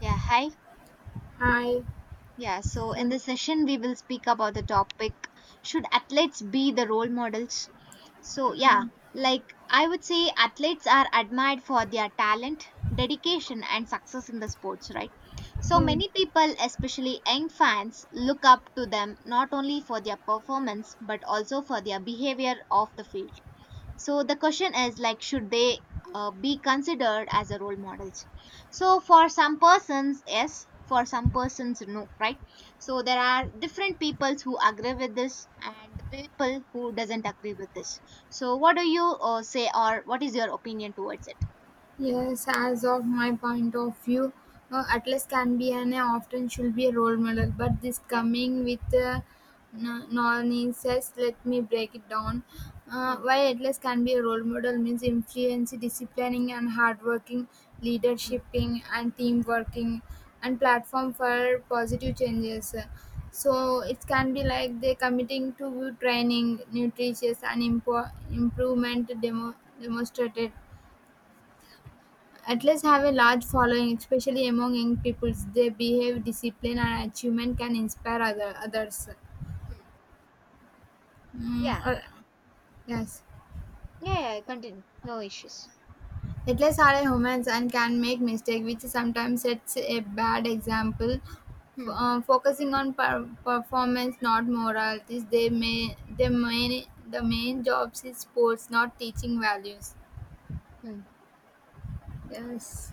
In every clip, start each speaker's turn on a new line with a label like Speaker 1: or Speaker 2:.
Speaker 1: Yeah, hi.
Speaker 2: Hi,
Speaker 1: Yeah, so in
Speaker 2: saw
Speaker 1: this session, we will speak about the topic: should athletes be the role models? So, yeah, like I would say athletes are admired for their talent, dedication, and success in the sports, right? So,
Speaker 2: him.
Speaker 1: many people, especially young fans, look up to them not only for their performance but also for their behavior off the field. So the question is like, should they be considered as a role models? So for some persons, yes. For some persons, no, right? So there are different peoples who agree with this and people who doesn't agree with this. So what do you say, or what is your opinion towards it?
Speaker 2: Yes, as of my point of view, Atlas can be an often should be a role model, but this
Speaker 1: Yeah.
Speaker 2: coming with nonsense. Let me break it down.
Speaker 1: Hmm.
Speaker 2: Why Atlas can be a role model means influence, disciplining, and hardworking,
Speaker 1: Hmm.
Speaker 2: leadershiping, and team working, and platform for positive changes. So it can be like they committing to training, nutritious, and improvement demonstrated. Athletes have a large following, especially among young people. Their behavior, discipline, and achievement can inspire others. Mm,
Speaker 1: Yeah.
Speaker 2: uh, yes.
Speaker 1: Yeah, yeah, continue. No issues.
Speaker 2: Athletes are humans and can make mistakes, which sometimes sets a bad example.
Speaker 1: Hmm.
Speaker 2: Focusing on performance, not moralities. The main jobs is sports, not teaching values.
Speaker 1: Hmm.
Speaker 2: Yes.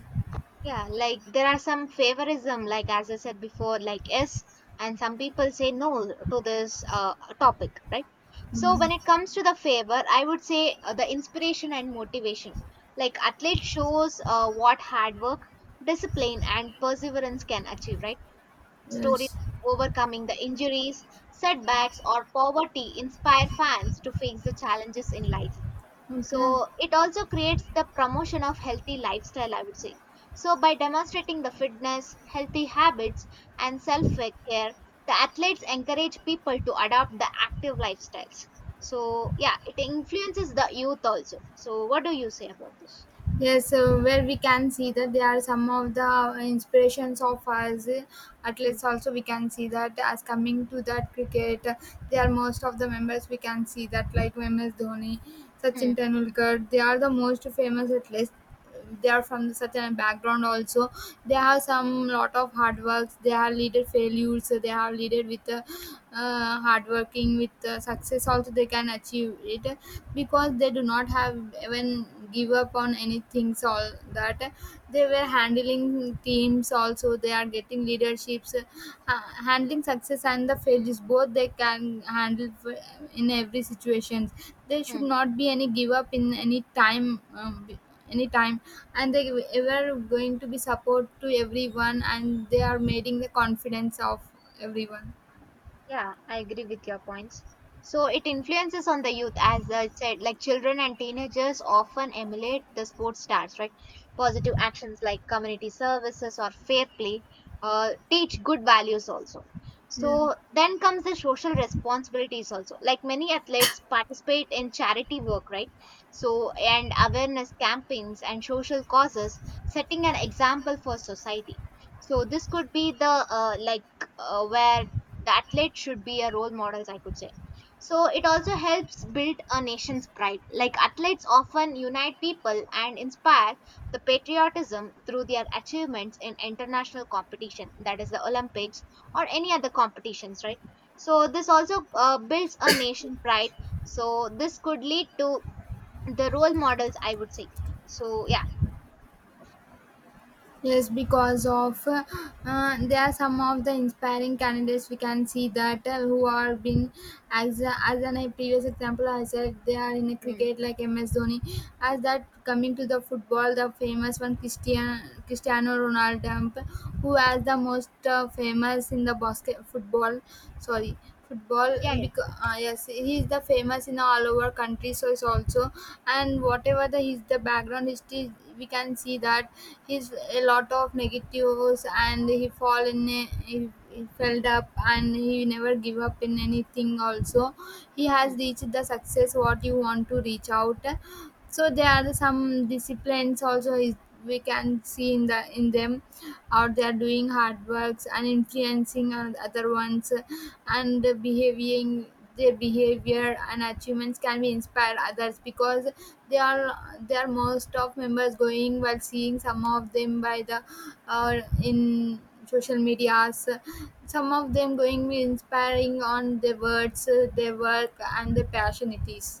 Speaker 1: Yeah, like there are some favorism, like as I said before, like yes, and some people say no to this topic, right? So
Speaker 2: Mm,
Speaker 1: when it comes to the favor, I would say the inspiration and motivation. Like athlete shows what hard work, discipline, and perseverance can achieve, right? Stories
Speaker 2: yes.
Speaker 1: of overcoming the injuries, setbacks, or poverty inspire fans to face the challenges in life,
Speaker 2: Okay.
Speaker 1: so it also creates the promotion of healthy lifestyle, I would say. So by demonstrating the fitness, healthy habits, and self care, the athletes encourage people to adopt the active lifestyles. So yeah, it influences the youth also. So what do you say about this?
Speaker 2: Yes, where we can see that they are some of the inspirations of us
Speaker 1: Hmm.
Speaker 2: athletes. Also, we can see that as coming to that cricket, they are most of the members. We can see that like MS Dhoni, Sachin
Speaker 1: Hmm.
Speaker 2: Tendulkar, they are the most famous athletes, they are from the certain background also. They have some lot of hard works, they have leaded failures, they have leaded with hard working with success also they can achieve it, because they do not have even give up on anything. So all that, they were handling teams also, they are getting leaderships, handling success and the failures, both they can handle in every situation. There
Speaker 1: Hmm.
Speaker 2: should not be any give up in any time, anytime, and they were going to be support to everyone, and they are making the confidence of everyone.
Speaker 1: Yeah, I agree with your points. So it influences on the youth, as I said, like children and teenagers often emulate the sports stars, right? Positive actions like community services or fair play teach good values also.
Speaker 2: Yeah,
Speaker 1: So then comes the social responsibilities also. Like many athletes participate in charity work, right? So, and awareness campaigns and social causes, setting an example for society. So this could be the like where the athlete should be a role models, I could say. So it also helps build a nation's pride, like athletes often unite people and inspire the patriotism through their achievements in international competition, that is the Olympics or any other competitions, right? So this also builds a nation pride. So this could lead to the role models, I would say. So yeah.
Speaker 2: yes, because of there are some of the inspiring candidates we can see that, who are being as as an a previous example I said, they are in a
Speaker 1: Mm.
Speaker 2: cricket like MS Dhoni. As that coming to the football, the famous one, Cristiano Ronaldo, who is the most famous in the basket football, sorry, football,
Speaker 1: Yeah, yeah.
Speaker 2: because yes, he is the famous in all over country, so it's also, and whatever the his the background history, we can see that he's a lot of negatives, and he fall in he felt up and he never give up in anything also. He
Speaker 1: Mm.
Speaker 2: has reached the success what you want to reach out. So there are the some disciplines also, is we can see in the in them how they are doing hard works and influencing on other ones, and behaving, their behavior and achievements can be inspire others, because they are, they are most of members going while seeing some of them by the in social medias, some of them going be inspiring on their words, their work and their passion it is.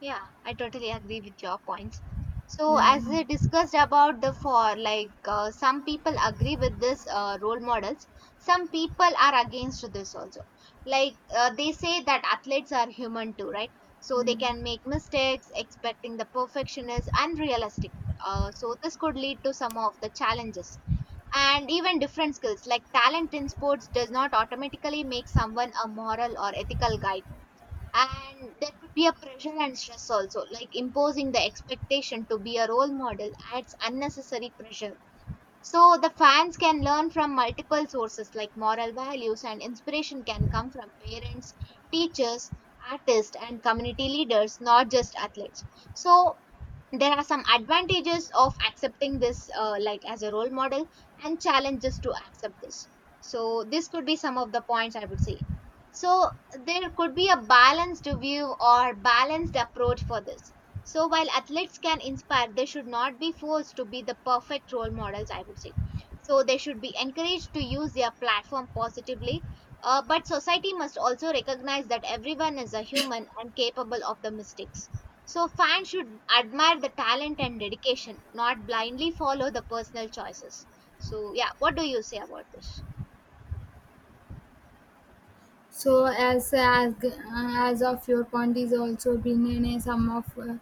Speaker 1: Yeah, I totally agree with your points. So,
Speaker 2: Yeah.
Speaker 1: as we discussed about the for, like some people agree with this role models, some people are against this also. Like they say that athletes are human too, right? So they can make mistakes, expecting the perfection is unrealistic. So this could lead to some of the challenges, and even different skills, like talent in sports, does not automatically make someone a moral or ethical guide. And there could be a pressure and stress also, like imposing the expectation to be a role model adds unnecessary pressure. So the fans can learn from multiple sources, like moral values and inspiration can come from parents, teachers, artists and community leaders, not just athletes. So there are some advantages of accepting this, like as a role model, and challenges to accept this. So this could be some of the points I would say. So there could be a balanced view or balanced approach for this. So while athletes can inspire, they should not be forced to be the perfect role models, I would say. So they should be encouraged to use their platform positively. But society must also recognize that everyone is a human and capable of the mistakes. So fans should admire the talent and dedication, not blindly follow the personal choices. So yeah, what do you say about this?
Speaker 2: So as of your point is also been in a sum of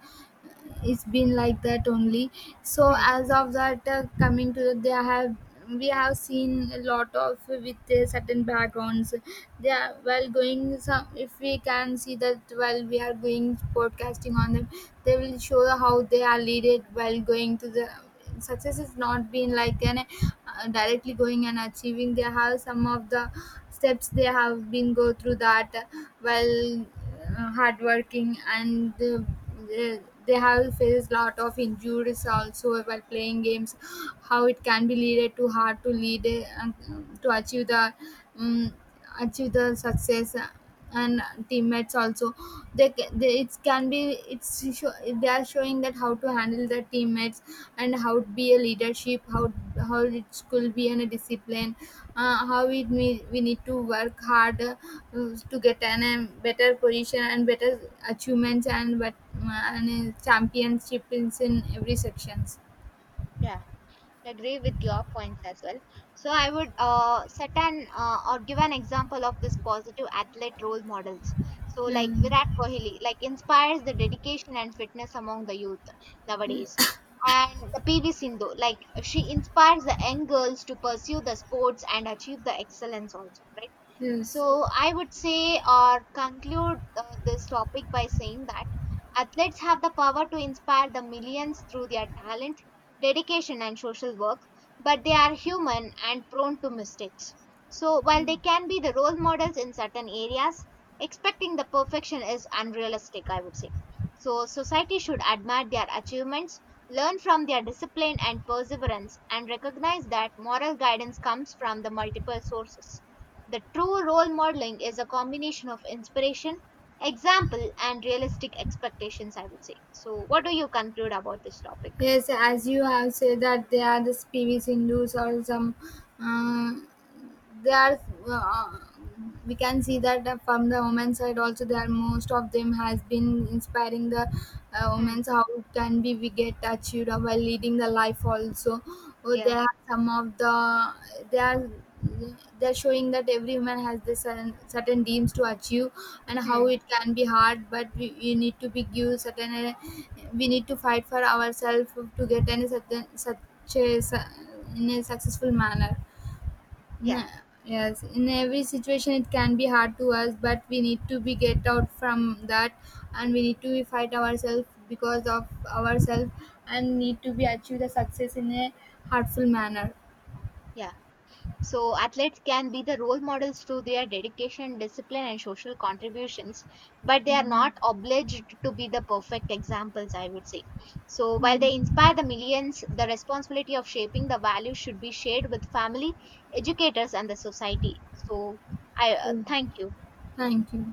Speaker 2: it's been like that only. So
Speaker 1: Hmm.
Speaker 2: as of that, coming to they have, we have seen a lot of with certain backgrounds. They are, while going some, if we can see that while we are going podcasting on them, they will show how they are leaded while going to the success, is not been like an directly going and achieving. They have some of the steps they have been go through that, well hardworking and they have faced lot of injuries also while playing games. How it can be leaded to hard to lead to achieve the, um, achieve the success, and teammates also. They, it can be, they are showing that how to handle the teammates, and how it be a leadership, how it could be in a discipline, we need to work hard to get an a better position and better achievements. And but and championships in every sections.
Speaker 1: Yeah, agree with your points as well. So I would set an or give an example of this positive athlete role models. So like
Speaker 2: Yeah,
Speaker 1: Virat Kohli, like inspires the dedication and fitness among the youth nowadays. And the PV Sindhu, like she inspires the young girls to pursue the sports and achieve the excellence also, right?
Speaker 2: yes.
Speaker 1: So I would say or conclude this topic by saying that athletes have the power to inspire the millions through their talent, dedication and social work, but they are human and prone to mistakes. So, while they can be the role models in certain areas, expecting the perfection is unrealistic, I would say. So, society should admire their achievements, learn from their discipline and perseverance, and recognize that moral guidance comes from the multiple sources. The true role modeling is a combination of inspiration, example, and realistic expectations, I would say. So, what do you conclude about this topic?
Speaker 2: Yes, as you have said that they are the PV Sindhus or some, um, they are. Uh, we can see that, from the women's side also, there are most of them has been inspiring the
Speaker 1: Hmm.
Speaker 2: women's, how can be we get achieved while leading the life also. Oh,
Speaker 1: Yeah.
Speaker 2: there are some of the, they are, they're showing that every woman has this certain dreams to achieve, and how
Speaker 1: Hmm.
Speaker 2: it can be hard, but we, you need to be give certain we need to fight for ourselves to get any certain such in a successful manner.
Speaker 1: Yeah.
Speaker 2: Mm, yes, in every situation it can be hard to us, but we need to be get out from that, and we need to be fight ourselves, because of ourselves, and need to be achieve the success in a heartful manner.
Speaker 1: Yeah. So athletes can be the role models through their dedication, discipline, and social contributions, but they are not obliged to be the perfect examples, I would say. So while they inspire the millions, the responsibility of shaping the values should be shared with family, educators, and the society. So I,
Speaker 2: Yeah.
Speaker 1: thank you.
Speaker 2: Thank you.